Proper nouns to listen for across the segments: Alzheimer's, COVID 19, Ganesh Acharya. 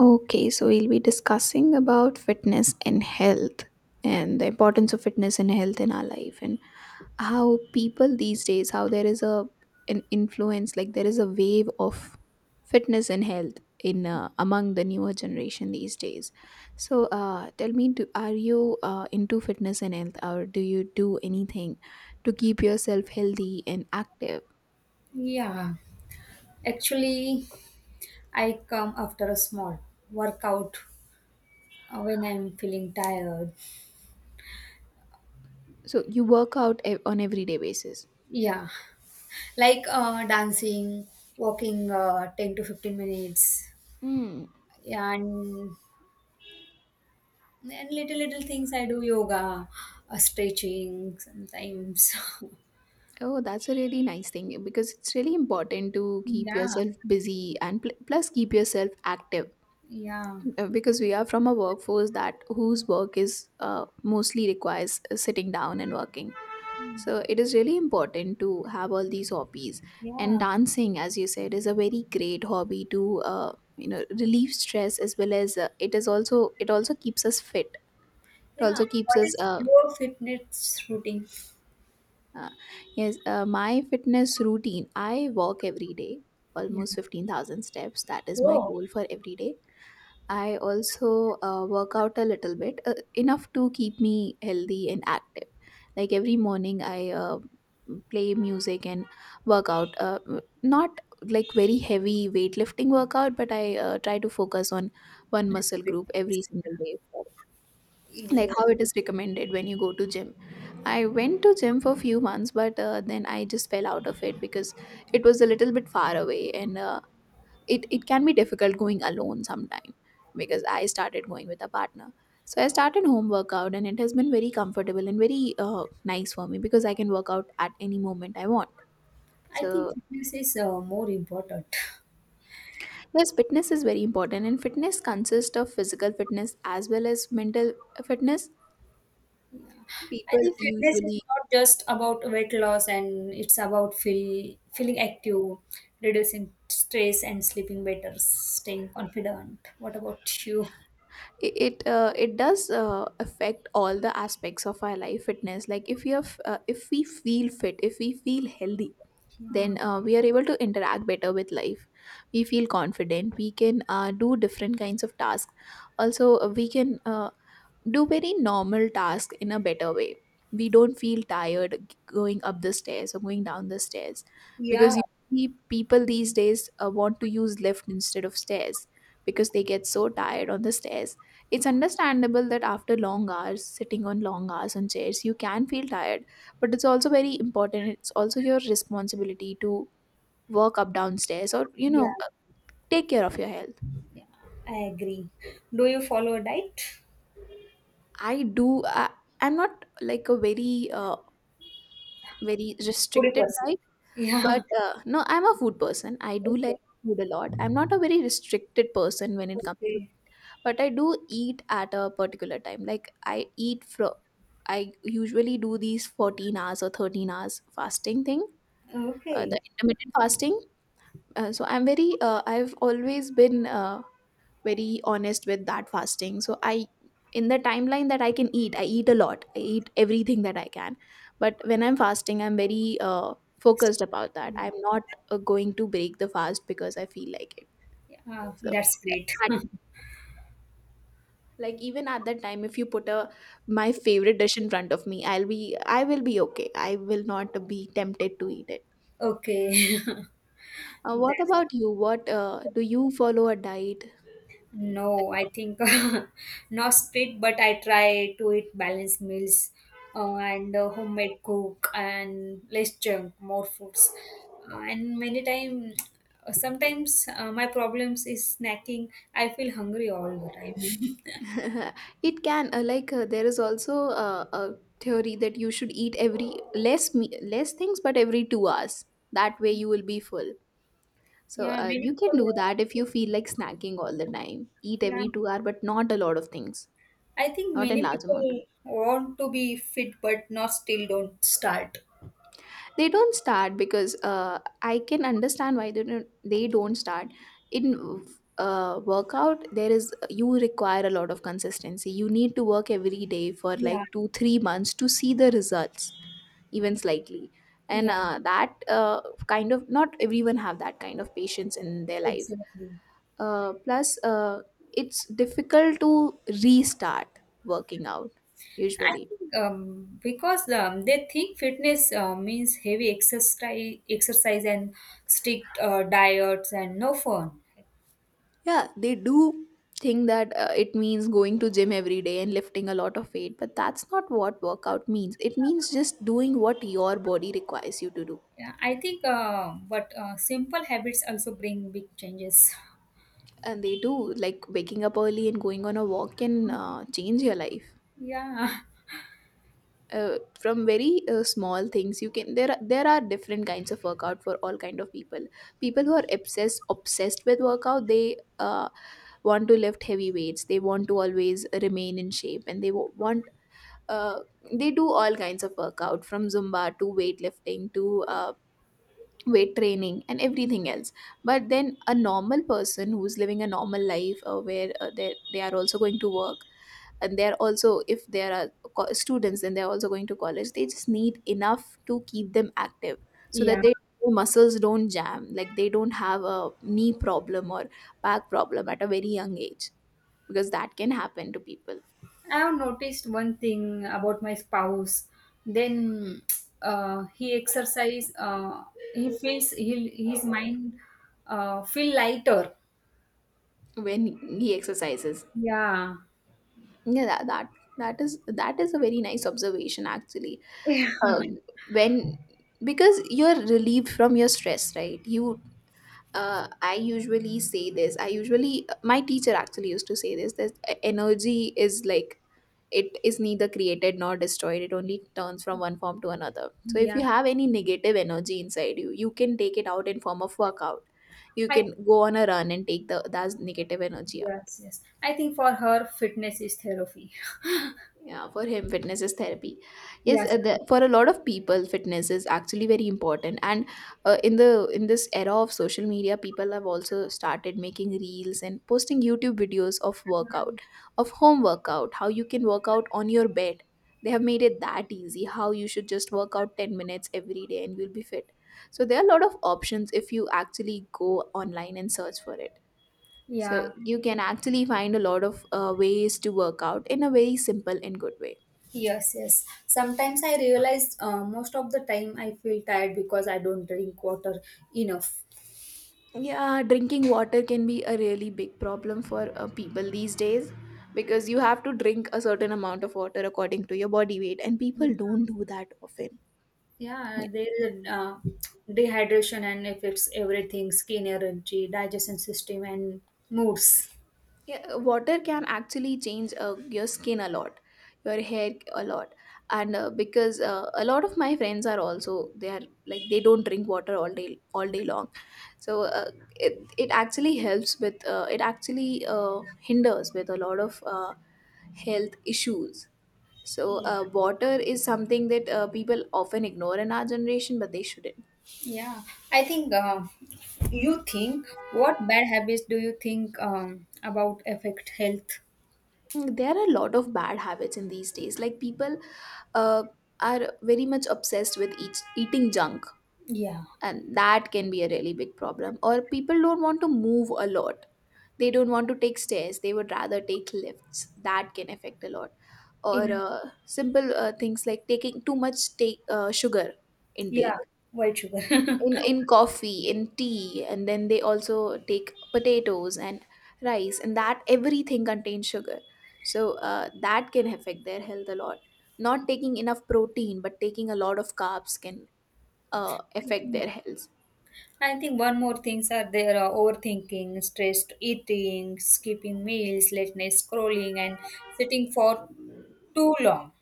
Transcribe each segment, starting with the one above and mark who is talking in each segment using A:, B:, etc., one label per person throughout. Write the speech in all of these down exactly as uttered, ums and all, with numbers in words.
A: Okay, so we'll be discussing about fitness and health, and the importance of fitness and health in our life, and how people these days, how there is a an influence, like there is a wave of fitness and health in uh, among the newer generation these days. So uh, tell me, do, are you uh, into fitness and health, or do you do anything to keep yourself healthy and active?
B: Yeah, actually, I come after a small workout uh, when I'm feeling tired.
A: So you work out ev- on everyday basis.
B: Yeah, like uh, dancing, walking uh, ten to fifteen minutes,
A: Hmm.
B: yeah, and, and little, little things I do yoga, uh, stretching sometimes.
A: Oh, that's a really nice thing because it's really important to keep
B: Yeah,
A: yourself busy and pl- plus keep yourself active.
B: yeah,
A: Uh, because we are from a workforce that whose work is uh, mostly requires uh, sitting down and working. So it is really important to have all these hobbies, and
B: yeah,
A: dancing, as you said, is a very great hobby to uh, you know relieve stress, as well as uh, it is also it also keeps us fit. It
B: yeah.
A: also keeps
B: What
A: us
B: is
A: uh,
B: your fitness routine?
A: Uh, yes, uh, my fitness routine. I walk every day,
B: Yeah.
A: almost fifteen thousand steps. That is my
B: Oh,
A: goal for every day. I also uh, work out a little bit, uh, enough to keep me healthy and active. Like every morning, I uh, play music and work out. Uh, not like very heavy weightlifting workout, but I uh, try to focus on one
B: little
A: muscle
B: bit
A: group
B: things.
A: every single day,
B: Yeah.
A: like
B: Yeah.
A: how it is recommended when you go to gym. I went to gym for a few months, but uh, then I just fell out of it because it was a little bit far away, and uh, it it can be difficult going alone sometime because I started going with a partner. So I started home workout, and it has been very comfortable and very uh, nice for me because I can work out at any moment I want.
B: I think
A: So
B: fitness is uh, more important.
A: yes, fitness is very important, and fitness consists of physical fitness as well as mental fitness.
B: I
A: People
B: think fitness is
A: usually
B: not just about weight loss, and it's about feel, feeling active, reducing stress, and sleeping better, staying confident. What about you?
A: it it, uh, it does uh, affect all the aspects of our life, fitness, like if you have uh, if we feel fit, if we feel healthy, then
B: Yeah,
A: uh, we are able to interact better with life. We feel confident, we can uh, do different kinds of tasks. Also uh, we can uh, do very normal task in a better way. We don't feel tired g- going up the stairs or going down the stairs,
B: yeah,
A: because you see people these days uh, want to use lift instead of stairs because they get so tired on the stairs. It's understandable that after long hours, sitting on long hours on chairs, you can feel tired, but it's also very important. It's also your responsibility to work up downstairs or, you
B: yeah,
A: know, Take care of your health.
B: yeah. I agree. Do you follow a diet?
A: I do, I, I'm not like a very uh, very
B: Foodie
A: restricted
B: person.
A: diet.
B: Yeah.
A: But uh, no, I'm a food person. I do like
B: Okay.
A: food a lot. I'm not a very restricted person when it comes to.
B: Okay.
A: But I do eat at a particular time, like I eat from I usually do these fourteen hours or thirteen hours fasting thing, uh, the
B: Okay.
A: intermittent fasting. Uh, so I'm very uh, I've always been uh, very honest with that fasting. So I in the timeline that I can eat, I eat a lot, I eat everything that I can. But when I'm fasting, I'm very uh, focused about that. I'm not uh, going to break the fast because I feel like it.
B: Yeah,
A: So
B: that's great.
A: at- like even at that time, if you put a my favorite dish in front of me, i'll be I will be okay, I will not be tempted to eat it.
B: Okay.
A: Uh,
B: That
A: what about you? What uh, Do you follow a diet?
B: No, I think, not split, but I try to eat balanced meals uh, and uh, homemade cook and less junk, more foods. Uh, and many time, uh, sometimes uh, my problems is snacking. I feel hungry all the time.
A: It can uh, like uh, there is also uh, a theory that you should eat every less me- less things, but every two hours. That way you will be full. So
B: Yeah,
A: uh,
B: many
A: you can
B: people
A: do
B: want
A: that. If you
B: to,
A: feel like snacking all the time, eat
B: yeah.
A: every two hour, but not a lot of things,
B: I think
A: not in
B: many
A: large amount.
B: people want to be fit, but not still don't start.
A: They don't start because uh, I can understand why they don't, they don't start in uh, workout. There is, you require a lot of consistency. You need to work every day for
B: Yeah,
A: like 2 3 months to see the results, even slightly. And
B: yeah,
A: uh, that uh, kind of, not everyone have that kind of patience in their life.
B: exactly.
A: Uh, plus uh, it's difficult to restart working out
B: I
A: usually.
B: think, um, because, um, they think fitness uh, means heavy exercise, exercise and strict uh, diets and no fun.
A: Yeah, they do think that uh, it means going to gym every day and lifting a lot of weight, but that's not what workout means. It means just doing what your body requires you to do.
B: Yeah, I think, uh, but uh, simple habits also bring big changes.
A: And they do, like waking up early and going on a walk can uh, change your life.
B: Yeah,
A: Uh, from very uh, small things you can there are, there are different kinds of workout for all kind of people. People who are obsessed obsessed with workout, they uh, want to lift heavy weights, they want to always remain in shape, and they wa- want uh, they do all kinds of workout, from zumba to weightlifting to uh, weight training and everything else. But then a normal person who's living a normal life, uh, where uh, they, they are also going to work, and they're also, if there are co- students, and they're also going to college, they just need enough to keep them active, so that
B: yeah.
A: their muscles don't jam, like they don't have a knee problem or back problem at a very young age, because that can happen to people.
B: I have noticed one thing about my spouse. Then uh, he exercise. Uh, he feels, he, his mind uh, feel lighter.
A: When he exercises,
B: Yeah.
A: yeah that that, that is that is a very nice observation actually. um, when, because you're relieved from your stress, right? you uh, I usually say this. I usually, my teacher actually used to say this, that e- energy is like, it is neither created nor destroyed. It only turns from one form to another. So if
B: Yeah.
A: you have any negative energy inside you, you can take it out in form of workout. You
B: I
A: can go on a run and take the that negative energy out.
B: Yes, yes. I think for her, fitness is therapy.
A: Yeah, for him, fitness is therapy. Yes,
B: Yes.
A: uh, the, for a lot of people, fitness is actually very important. And uh, in the in this era of social media, people have also started making reels and posting YouTube videos of workout, of home workout, how you can work out on your bed. They have made it that easy. How you should just work out ten minutes every day and you'll be fit. So there are a lot of options if you actually go online and search for it. So
B: Yeah.
A: you can actually find a lot of uh, ways to work out in a very simple and good way.
B: Yes, yes. Sometimes I realize, uh, most of the time I feel tired because I don't drink water enough.
A: Yeah, drinking water can be a really big problem for uh, people these days, because you have to drink a certain amount of water according to your body weight, and people don't do that often.
B: Yeah,
A: Yeah,
B: there is a uh, dehydration and affects everything, skin energy, digestion system, and moods.
A: yeah, water can actually change uh, your skin a lot, your hair a lot, and uh, because uh, a lot of my friends are also, they are like, they don't drink water all day all day long, so uh, it it actually helps with uh, it actually uh, hinders with a lot of uh, health issues. So, uh, water is something that uh, people often ignore in our generation, but they shouldn't.
B: Yeah, I think, uh, you think, what bad habits do you think um, about affect health?
A: Mm, there are a lot of bad habits in these days. Like people uh, are very much obsessed with eat- eating junk,
B: Yeah,
A: and that can be a really big problem. Or people don't want to move a lot. They don't want to take stairs. They would rather take lifts. That can affect a lot. Or
B: in
A: uh, simple uh, things like taking too much take, uh, sugar
B: yeah,
A: intake
B: white sugar.
A: in in coffee in tea, and then they also take potatoes and rice, and that everything contains sugar, so uh, that can affect their health a lot. Not taking enough protein but taking a lot of carbs can uh,
B: I
A: affect
B: think
A: their health.
B: I think one more things are there: uh, overthinking, stressed eating, skipping meals, late night scrolling, and sitting for too long.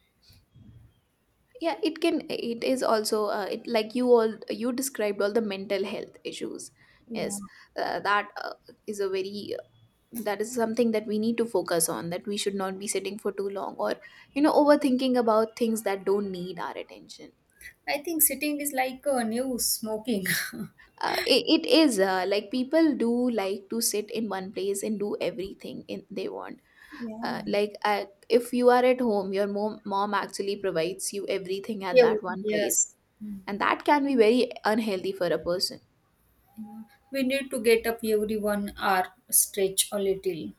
A: Yeah, it can, it is also, uh, it like you all you described all the mental health issues.
B: Yeah,
A: Yes, uh, that uh, is a very, that is something that we need to focus on, that we should not be sitting for too long, or you know overthinking about things that don't need our attention.
B: I think sitting is like a new smoking.
A: uh, it, it is uh, like people do like to sit in one place and do everything in, they want. uh,
B: Yeah,
A: like uh, if you are at home, your mom, mom actually provides you everything at
B: yeah,
A: that one place,
B: yes. Mm.
A: and that can be very unhealthy for a person.
B: Yeah. We need to get up every one hour, stretch a little.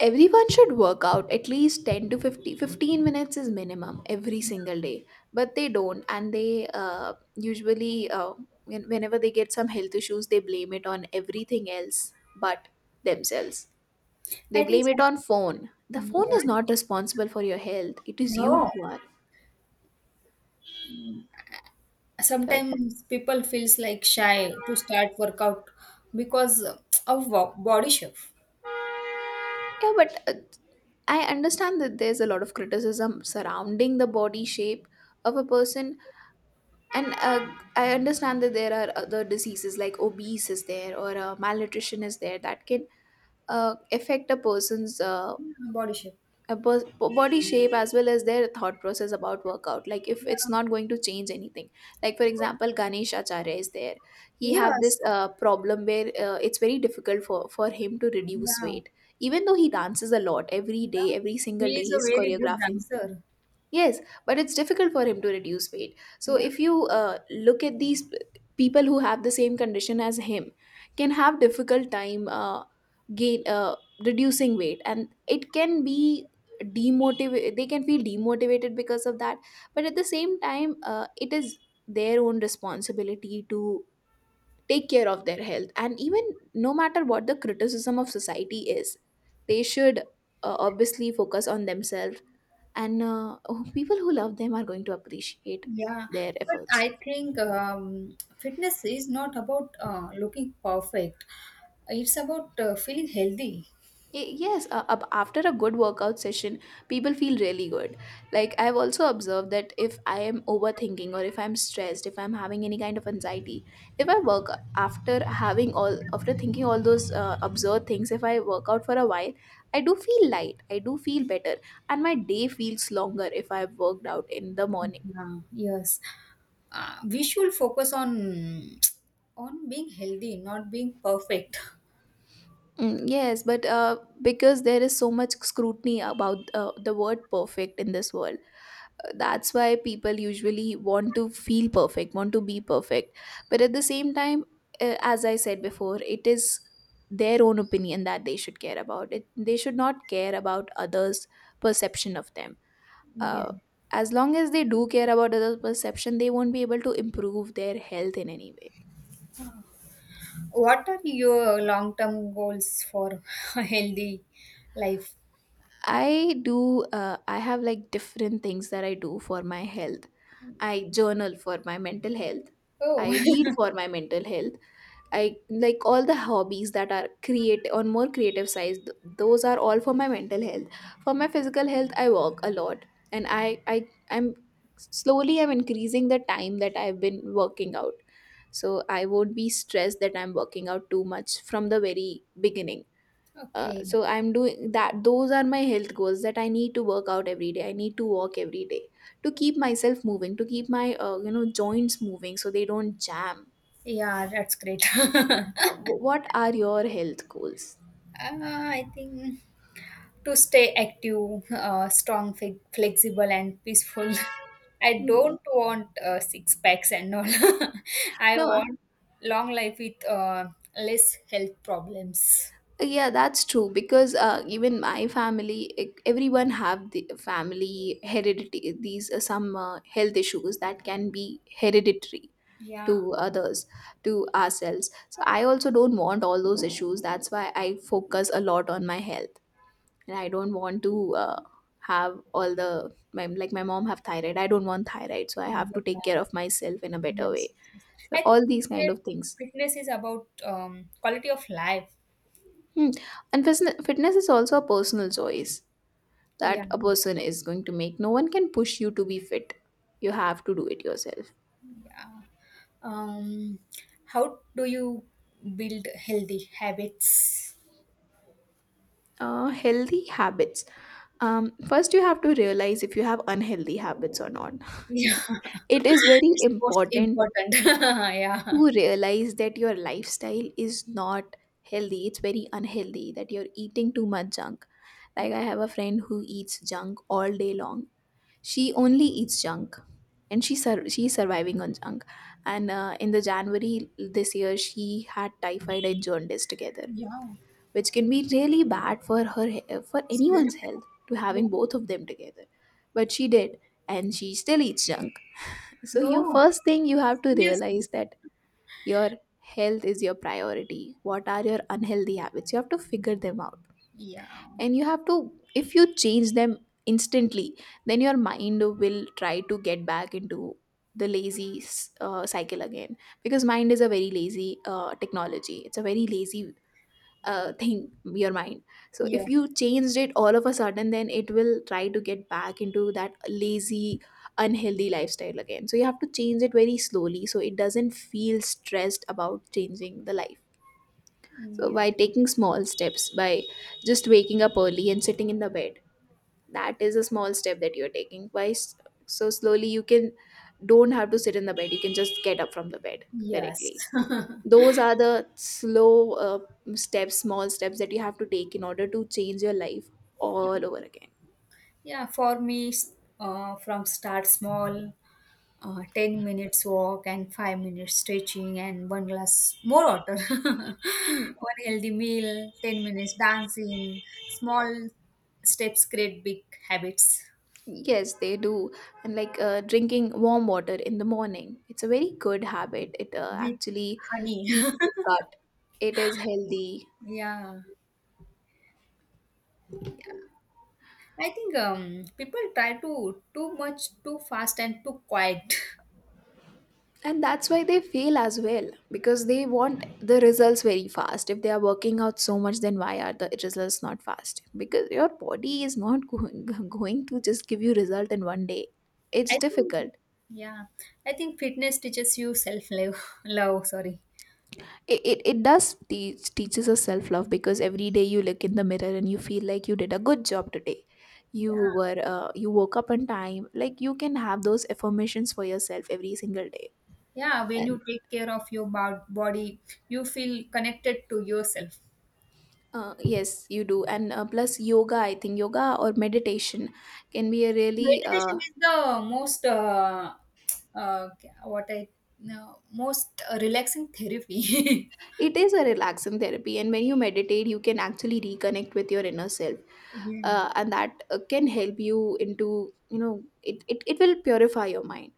A: Everyone should work out at least ten to fifty fifteen minutes is minimum every single day, but they don't. And they uh, usually, uh, when- whenever they get some health issues, they blame it on everything else but themselves. They
B: I think
A: blame it
B: some,
A: on phone. The phone
B: yeah,
A: is not responsible for your health, it is you
B: no.
A: who are. Sorry.
B: Sometimes people feels like shy to start workout because of wo- body shape.
A: Yeah, but uh, I understand that there's a lot of criticism surrounding the body shape of a person. And uh, I understand that there are other diseases, like obese is there, or uh, malnutrition is there, that can uh, affect a person's uh,
B: Yeah, body shape.
A: a pers- body shape as well as their thought process about workout. Like, if it's
B: Yeah,
A: not going to change anything. Like, for example, Ganesh Acharya is there. He have
B: yes.
A: this uh, problem where uh, it's very difficult for, for him to reduce
B: Yeah.
A: weight. Even though he dances a lot every
B: Yeah.
A: day, every single
B: He
A: day
B: is a
A: he's
B: very good
A: choreographing.
B: dancer.
A: Yes, but it's difficult for him to reduce weight. So
B: Yeah.
A: if you uh, look at these p- people who have the same condition as him, can have difficult time uh, gain uh, reducing weight, and it can be demotivate. They can feel demotivated because of that. But at the same time, uh, it is their own responsibility to take care of their health, and even no matter what the criticism of society is, they should uh, obviously focus on themselves, and uh, people who love them are going to appreciate
B: Yeah.
A: their
B: But
A: efforts.
B: I think, um, fitness is not about uh, looking perfect. It's about uh, feeling healthy.
A: Y- yes uh, ab- after a good workout session, people feel really good. Like, I've also observed that if I am overthinking, or if I'm stressed, if I'm having any kind of anxiety, if I work, after having all after thinking all those uh, absurd things, if I work out for a while, I do feel light, I do feel better, and my day feels longer if I've worked out in the morning.
B: Yeah. Yes. Uh, we should focus on on being healthy, not being perfect.
A: Mm, yes, but uh, because there is so much scrutiny about uh, the word perfect in this world, uh, that's why people usually want to feel perfect, want to be perfect. But at the same time, uh, as I said before, it is their own opinion that they should care about. It, they should not care about others' perception of them.
B: Yeah.
A: Uh, as long as they do care about others' perception, they won't be able to improve their health in any way.
B: What are your long term goals for a healthy life?
A: I do, uh, I have like different things that I do for my health. I journal for my mental health. I
B: Oh.
A: read for my mental health. I like all the hobbies that are create on more creative sides. th- Those are all for my mental health. For my physical health, I walk a lot, and I I I'm slowly I'm increasing the time that I've been working out. So I won't be stressed that I'm working out too much from the very beginning. Uh,
B: Okay.
A: so I'm doing that. Those are my health goals, that I need to work out every day, I need to walk every day, to keep myself moving, to keep my uh, you know joints moving, so they don't jam.
B: Yeah, that's great. uh,
A: Uh, wh- what are your health goals?
B: I think to stay active, uh, strong, fi- flexible, and peaceful. I
A: Hmm.
B: don't want uh, six packs and all. I
A: No, uh,
B: want long life with uh, less health problems.
A: yeah, that's true, because uh, even my family, e- everyone have the family heredity. These are some uh, health issues that can be hereditary
B: Yeah,
A: to others, to ourselves, so I also don't want all those issues. That's why I focus a lot on my health, and I don't want to uh, have all the, my, like my mom have thyroid, I don't want thyroid, so I have to
B: yeah.
A: take care of myself in a better way.
B: Yes, yes, yes.
A: So
B: I think
A: all these kind of
B: fitness
A: things.
B: fitness is about, um, quality of life.
A: Hmm. And fitness, fitness is also a personal choice
B: Yeah,
A: that a person is going to make. No one can push you to be fit, you have to do it yourself.
B: yeah. Um, how do you build healthy habits?
A: Uh, healthy habits. Um, first, you have to realize if you have unhealthy habits or not.
B: Yeah.
A: It is very
B: It's most
A: important
B: important. Yeah.
A: to realize that your lifestyle is not healthy. It's very unhealthy that you're eating too much junk. Like, I have a friend who eats junk all day long. She only eats junk, and she sur- she's surviving on junk. And uh, in the January this year, she had typhoid and jaundice together,
B: Yeah,
A: which can be really bad for her he- for
B: it's very
A: anyone's
B: bad.
A: health, to having
B: Yeah.
A: both of them together. But she did, and she still eats junk. So you,
B: No,
A: first thing, you have to
B: seriously.
A: realize that your health is your priority. What are your unhealthy habits, you have to figure them out.
B: Yeah.
A: And you have to, if you change them instantly, then your mind will try to get back into the lazy uh, cycle again, because mind is a very lazy uh, technology, it's a very lazy uh, thing, your mind. So if
B: Yes.
A: you changed it all of a sudden, then it will try to get back into that lazy unhealthy lifestyle again. So you have to change it very slowly, so it doesn't feel stressed about changing the life. So
B: Yeah.
A: by taking small steps, by just waking up early and sitting in the bed, that is a small step that you're taking. By s- so slowly you can, don't have to sit in the bed, you can just get up from the bed
B: Yes.
A: directly. Those are the slow uh, steps, small steps, that you have to take in order to change your life all over again.
B: Yeah, for me, s- uh, from start small, uh, ten minutes walk and five minutes stretching and one glass more water.
A: Hmm.
B: One healthy meal, ten minutes dancing, small steps create big habits
A: Yes, they do. And like, uh, drinking warm water in the morning, it's a very good habit. It uh,
B: with
A: actually
B: honey.
A: cleans the gut, it is healthy.
B: Yeah. I think, um, people try to too much, too fast, and too quiet.
A: And that's why they fail as well, because they want the results very fast. If they are working out so much, then why are the results not fast? Because your body is not going, going to just give you result in one day. It's
B: I think,
A: difficult.
B: yeah, I think fitness teaches you self love. Love, sorry.
A: It, it, it does teach teaches us self-love, because every day you look in the mirror and you feel like you did a good job today,
B: Yeah,
A: you were uh, you woke up on time. Like, you can have those affirmations for yourself every single day.
B: yeah. When you
A: And
B: take care of your bo- body, you feel connected to yourself.
A: uh, yes, you do. And uh, plus yoga, I think yoga or meditation can be a really
B: Meditation
A: uh,
B: is the most uh, uh, what I no, most relaxing therapy.
A: it is a relaxing therapy. And when you meditate, you can actually reconnect with your inner self.
B: Yeah.
A: Uh, and that uh, can help you into, you know it, it it will purify your mind.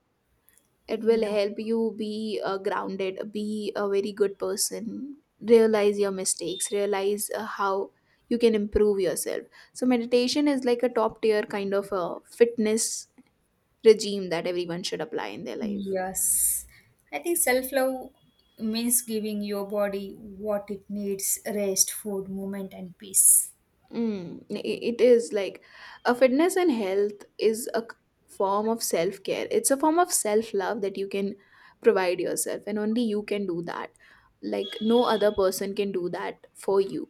A: It
B: Yeah.
A: will help you be uh, grounded, be a very good person, realize your mistakes, realize uh, how you can improve yourself. So meditation is like a top tier kind of a fitness regime that everyone should apply in their life.
B: Yes, I think self love means giving your body what it needs: rest, food, movement, and peace.
A: Mm, i- it is like a fitness, and health is a c- form of self care. It's a form of self love that you can provide yourself, and only you can do that. Like, no other person can do that for you.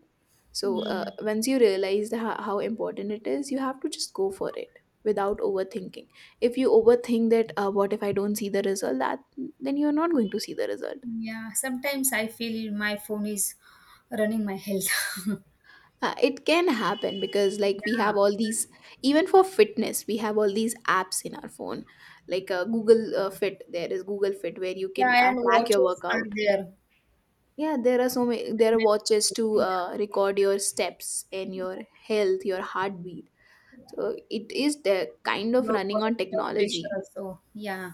A: So, uh,
B: Yeah.
A: once you realize how, how important it is, you have to just go for it without overthinking. If you overthink that, uh, what if I don't see the result, that then you're not going to see the result.
B: Yeah, sometimes I feel my phone is running my health.
A: Uh, it can happen, because like we
B: Yeah,
A: have all these, even for fitness we have all these apps in our phone. Like, uh, Google, uh, Fit, there is Google Fit where you can
B: yeah,
A: uh,
B: and
A: track your
B: watches are
A: workout.
B: there.
A: Yeah, there are so many, there are
B: Fitness
A: watches
B: watches,
A: to
B: yeah.
A: uh, record your steps and your health, your heartbeat. So it is the kind of
B: Your
A: running
B: blood
A: on
B: blood pressure
A: technology.
B: also. Yeah,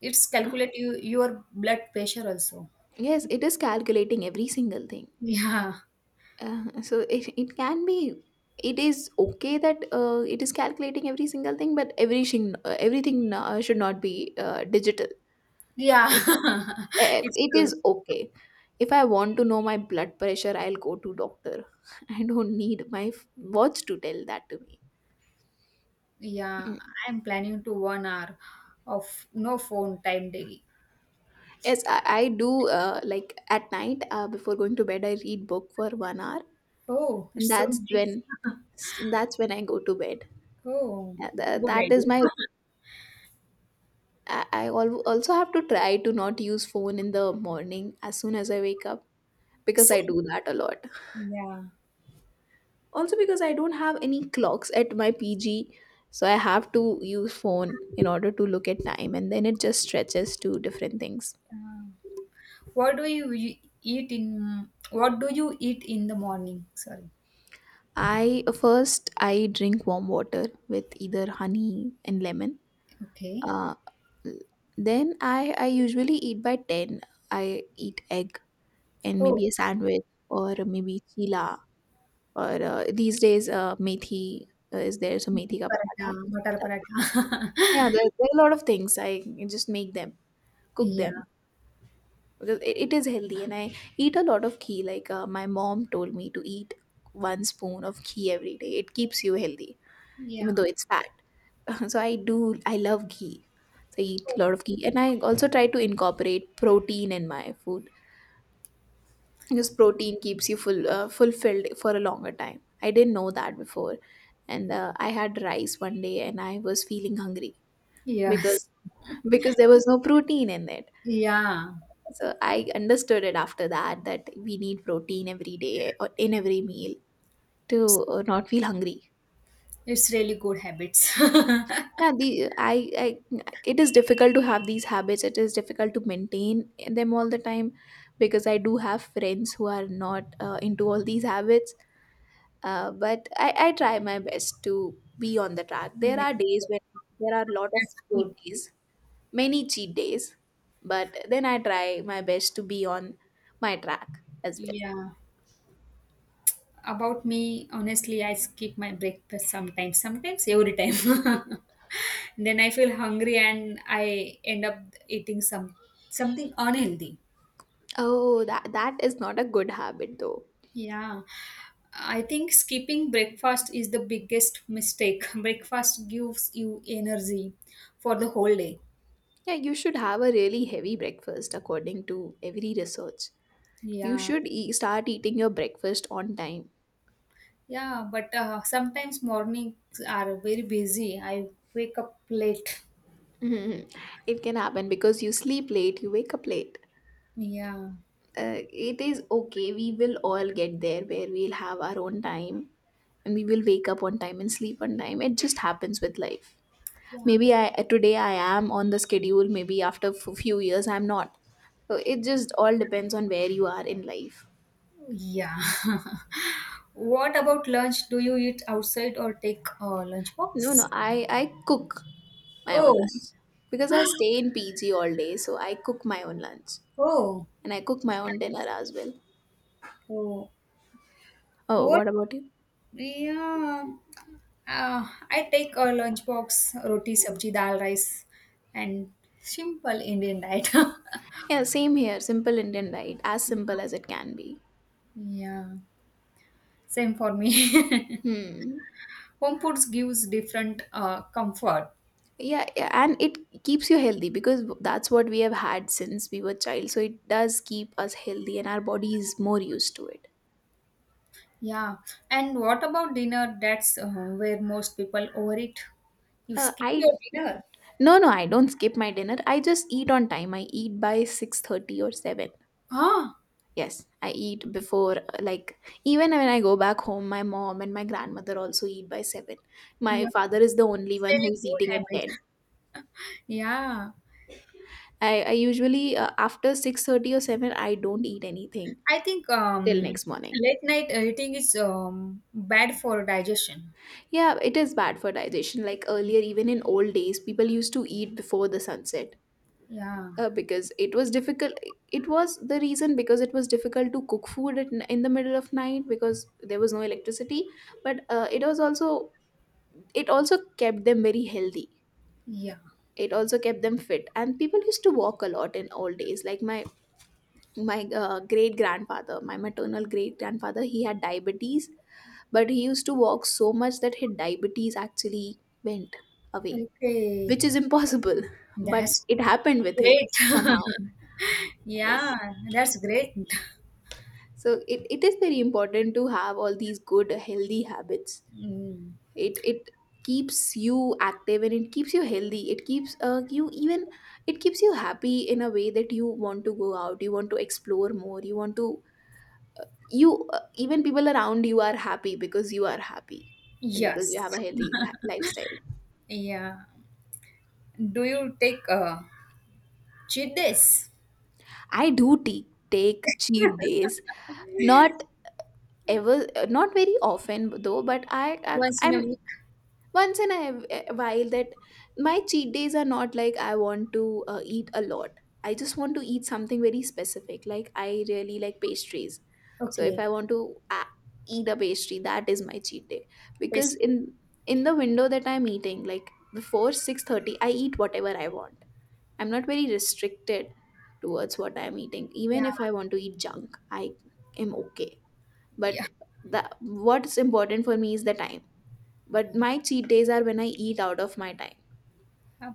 B: it's calculate you, your blood pressure also.
A: Yes, it is calculating every single thing.
B: Yeah,
A: Uh, so it, it can be, it is okay that uh, it is calculating every single thing, but everything uh, everything uh, should not be uh, digital.
B: yeah.
A: Like, eh,
B: It's
A: it is
B: true.
A: okay, if I want to know my blood pressure, I'll go to doctor. I don't need my f- watch to tell that to me.
B: Yeah,
A: Mm.
B: I'm planning to one hour of no phone time daily.
A: Yes, i, I do, uh, like at night, uh, before going to bed I read book for one hour,
B: Oh,
A: and
B: it's so
A: that's
B: nice.
A: when that's when I go to bed.
B: Oh,
A: Yeah, tha-
B: good
A: that is
B: idea.
A: my. I, I al- also have to try to not use phone in the morning as soon as I wake up, because
B: Is
A: I
B: it?
A: do that a lot.
B: Yeah.
A: Also because I don't have any clocks at my P G, so I have to use phone in order to look at time, and then it just stretches to different things.
B: Uh, what do you e- eat in? What do you eat in the morning? Sorry.
A: I first I drink warm water with either honey and lemon.
B: Okay.
A: Uh, then I I usually eat by ten. I eat egg and
B: Oh,
A: maybe a sandwich or maybe chila or uh, these days uh, methi uh, is there so methi ka
B: paratha,
A: paratha
B: butter
A: stuff like-
B: paratha.
A: yeah, there, there are a lot of things I just make them, cook them
B: Yeah.
A: because it, it is healthy and I eat a lot of ghee, like uh, my mom told me to eat one spoon of ghee every day, it keeps you healthy, even
B: Yeah.
A: though it's fat. So I do, I love ghee, so I eat a
B: Oh,
A: lot of ghee and I also try to incorporate protein in my food because protein keeps you full, uh, fulfilled for a longer time. I didn't know that before. And uh, I had rice one day and I was feeling hungry
B: yes.
A: because because there was no protein in it.
B: Yeah.
A: So I understood it after that, that we need protein every day or in every meal,
B: It's
A: to uh, not feel hungry.
B: it's really good habits.
A: Yeah, the I, I it is difficult to have these habits. It is difficult to maintain them all the time because I do have friends who are not uh, into all these habits, uh, but I, I try my best to be on the track. There
B: Yeah,
A: are days when there are a lot of
B: that's good.
A: cheat days, many cheat days, but then I try my best to be on my track as well.
B: Yeah. About me, honestly, I skip my breakfast sometimes, sometimes every time. Then I feel hungry and I end up eating some something unhealthy.
A: Oh, that that is not a good habit though.
B: Yeah. I think skipping breakfast is the biggest mistake. Breakfast gives you energy for the whole day.
A: Yeah, you should have a really heavy breakfast according to every research. You
B: Yeah.
A: should e- start eating your breakfast on time.
B: Yeah, but uh, sometimes mornings are very busy. I wake up late.
A: Mhm. It can happen because you sleep late, you wake up late.
B: Yeah.
A: uh, it is okay. We will all get there where we'll have our own time and we will wake up on time and sleep on time. It just happens with life. Maybe
B: Yeah.
A: I today I am on the schedule, maybe after f- few years I'm not. So it just all depends on where you are in life.
B: Yeah. What about lunch? Do you eat outside or take uh, lunch
A: No,
B: box?
A: no, I I cook my own
B: Oh,
A: lunch because I stay in P G all day, so I cook my own lunch
B: oh,
A: and I cook my own dinner as well.
B: oh.
A: Oh,
B: What?
A: what about you?
B: Yeah, uh, I take a lunch box: roti, sabji, dal, rice, and simple Indian diet.
A: Yeah, same here. Simple Indian diet, as simple as it can be.
B: Yeah, same for me.
A: Hmm.
B: Home foods gives different uh, comfort.
A: Yeah, yeah, and it keeps you healthy because that's what we have had since we were child, so it does keep us healthy and our body is more used to it.
B: Yeah, and what about dinner? That's uh, where most people overeat. You
A: uh,
B: skip
A: I,
B: your dinner.
A: no, no, I don't skip my dinner. I just eat on time. I eat by six thirty or seven.
B: Ah,
A: Yes, I eat before, uh, like, even when I go back home, my mom and my grandmother also eat by seven. My
B: yeah.
A: father is the only
B: It's
A: one who
B: really
A: is
B: good
A: eating at
B: habit.
A: ten.
B: Yeah,
A: I, I usually, uh, after six thirty or seven I don't eat anything
B: I think,
A: till
B: um,
A: next morning.
B: late night eating is, um, bad for digestion.
A: Yeah, it is bad for digestion. Like earlier, even in old days, people used to eat before the sunset,
B: Yeah,
A: uh, because it was difficult. It was the reason, because it was difficult to cook food at, n- in the middle of night, because there was no electricity. But uh, it was also, it also kept them very healthy.
B: yeah.
A: It also kept them fit, and people used to walk a lot in old days. Like my my uh, great grandfather, my maternal great grandfather, he had diabetes, but he used to walk so much that his diabetes actually went away,
B: Okay,
A: which is impossible, but
B: that's
A: it happened with him
B: great.
A: somehow. Yes,
B: Yeah, that's great.
A: so it, it is very important to have all these good healthy habits.
B: Mm.
A: It it keeps you active and it keeps you healthy, it keeps uh, you, even it keeps you happy in a way that you want to go out, you want to explore more, you want to, you uh, even people around you are happy because you are happy and because you
B: Yes.
A: have a healthy ha- lifestyle.
B: Yeah. Do you take uh, cheat days
A: I do t- take cheat days, not ever, uh, not very often though, but I, I
B: once in a
A: i'm
B: week?
A: once in a while. That, my cheat days are not like I want to uh, eat a lot. I just want to eat something very specific, like I really like pastries. So if
B: Okay.
A: I want to uh, eat a pastry, that is my cheat day,
B: Yes.
A: because in in the window that I'm eating, like before six thirty I eat whatever I want. I'm not very restricted towards what I'm eating, even
B: Yeah.
A: if I want to eat junk, I am okay.
B: Yeah.
A: But the what's important for me is the time, but my cheat days are when I eat out of my time.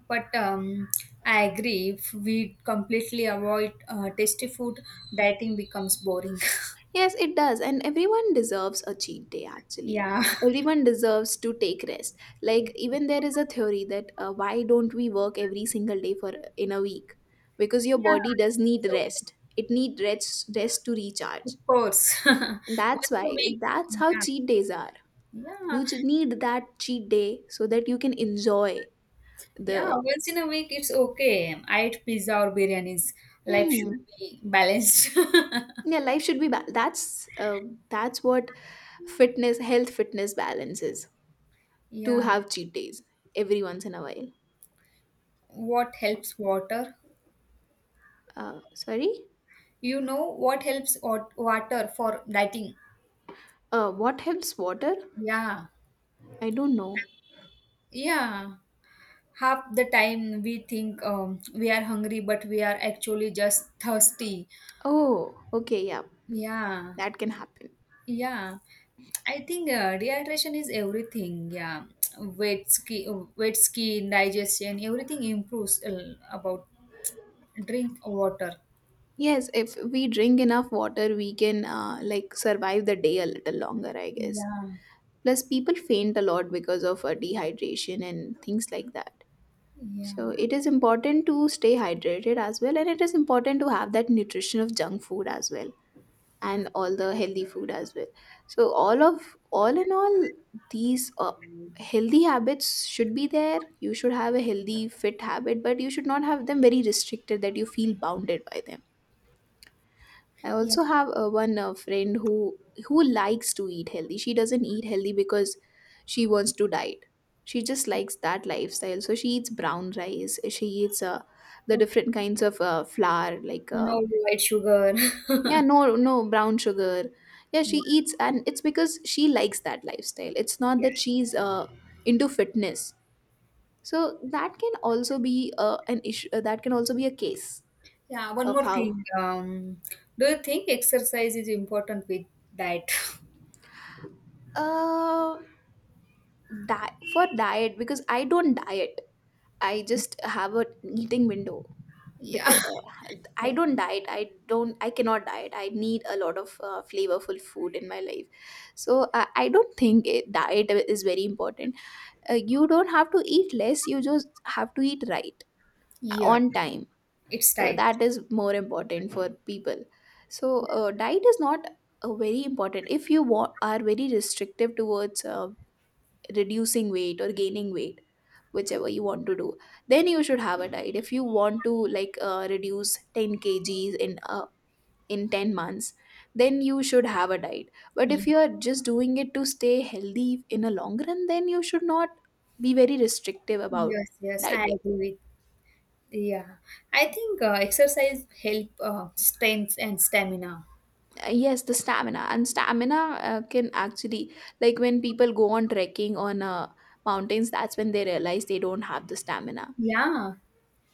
B: But, um, I agree. If we completely avoid uh, tasty food, dieting becomes boring.
A: Yes, it does, and everyone deserves a cheat day actually.
B: Yeah.
A: Everyone deserves to take rest. Like, even there is a theory that uh, why don't we work every single day for in a week? Because your
B: Yeah.
A: body does need
B: So
A: rest, it need rest, rest to
B: of
A: recharge.
B: course.
A: And that's
B: Once a
A: why,
B: week.
A: that's how
B: Yeah.
A: cheat days are.
B: Yeah.
A: You just need that cheat day so that you can enjoy
B: Yeah.
A: the.
B: Once in a week it's okay. I eat pizza or biryanis. Life should
A: Hmm.
B: be balanced.
A: Yeah, life should be, ba- that's, uh, that's what fitness, health, fitness balance is, to
B: Yeah.
A: have cheat days every once in a while.
B: What helps water?
A: uh, sorry.
B: You know what helps wat- water for dieting?
A: uh, what helps water.
B: Yeah.
A: I don't know.
B: Yeah. Half the time we think, um, we are hungry, but we are actually just thirsty.
A: Oh, okay, yeah,
B: Yeah.
A: that can happen.
B: Yeah. I think, uh, dehydration is everything. Yeah, wet skin, wet skin, digestion, everything improves uh, about drink water.
A: Yes, if we drink enough water we can, uh, like, survive the day a little longer, I guess.
B: Yeah,
A: Plus people faint a lot because of uh, dehydration and things like that.
B: yeah,
A: So it is important to stay hydrated as well, and it is important to have that nutrition of junk food as well and all the healthy food as well. So all of, all in all, these uh, healthy habits should be there. You should have a healthy fit habit, but you should not have them very restricted that you feel bounded by them. I
B: yeah.
A: also have uh, one uh, friend who who likes to eat healthy. She doesn't eat healthy because she wants to diet, she just likes that lifestyle. So she eats brown rice, she eats uh, the
B: Okay.
A: different kinds of uh, flour, like, uh,
B: No white sugar.
A: yeah,
B: Yeah,
A: no, no brown sugar. Yeah, she eats, and it's because she likes that lifestyle. It's not
B: yeah,
A: that she's uh, into fitness. So that can also be uh, an issue. Uh, that can also be a case
B: yeah. One
A: of
B: more
A: how,
B: thing. Um, do you think exercise is important with diet?
A: uh that, for diet, because I don't diet. I just have a eating window
B: Yeah,
A: because I don't diet. I don't. I cannot diet. I need a lot of uh, flavorful food in my life. So I I don't think it, diet is very important. uh, you don't have to eat less, you just have to eat right, uh,
B: yeah.
A: on time.
B: It's
A: uh,
B: diet.
A: that is more important for people. So uh, diet is not uh, very important. If you wa- are very restrictive towards uh, reducing weight or gaining weight, whichever you want to do, then you should have a diet. If you want to, like, uh, reduce ten kgs in a, in ten months, then you should have a diet. But
B: Yeah.
A: if you are just doing it to stay healthy in a long run, then you should not be very restrictive about
B: Yes, yes. I
A: dieting.
B: agree with Yeah, I think, uh, exercise help uh, strength and stamina.
A: Uh, yes, the stamina and stamina uh, can actually, like when people go on trekking on uh, mountains, that's when they realize they don't have the stamina.
B: Yeah,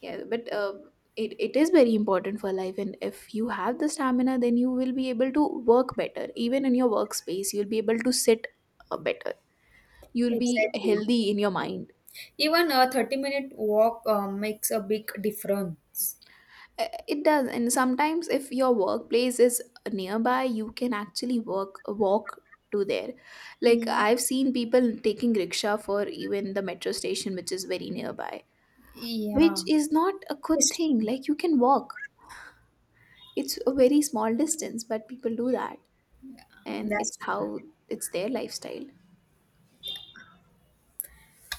A: Yeah, but uh, it, it is very important for life, and if you have the stamina then you will be able to work better, even in your workspace you'll be able to sit uh, better. You'll be
B: exactly.
A: healthy in your mind.
B: Even a thirty minute walk uh, makes a big difference.
A: Uh, it does, and sometimes if your workplace is nearby you can actually work walk to there, like
B: Yeah,
A: I've seen people taking rickshaw for even the metro station which is very nearby, which
B: yeah,
A: is not a good
B: it's
A: thing,
B: true.
A: like you can walk. It's a very small distance but people do that, and
B: That's
A: it's
B: true.
A: how, it's their lifestyle.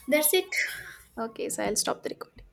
B: That's it.
A: Okay, so I'll stop the recording.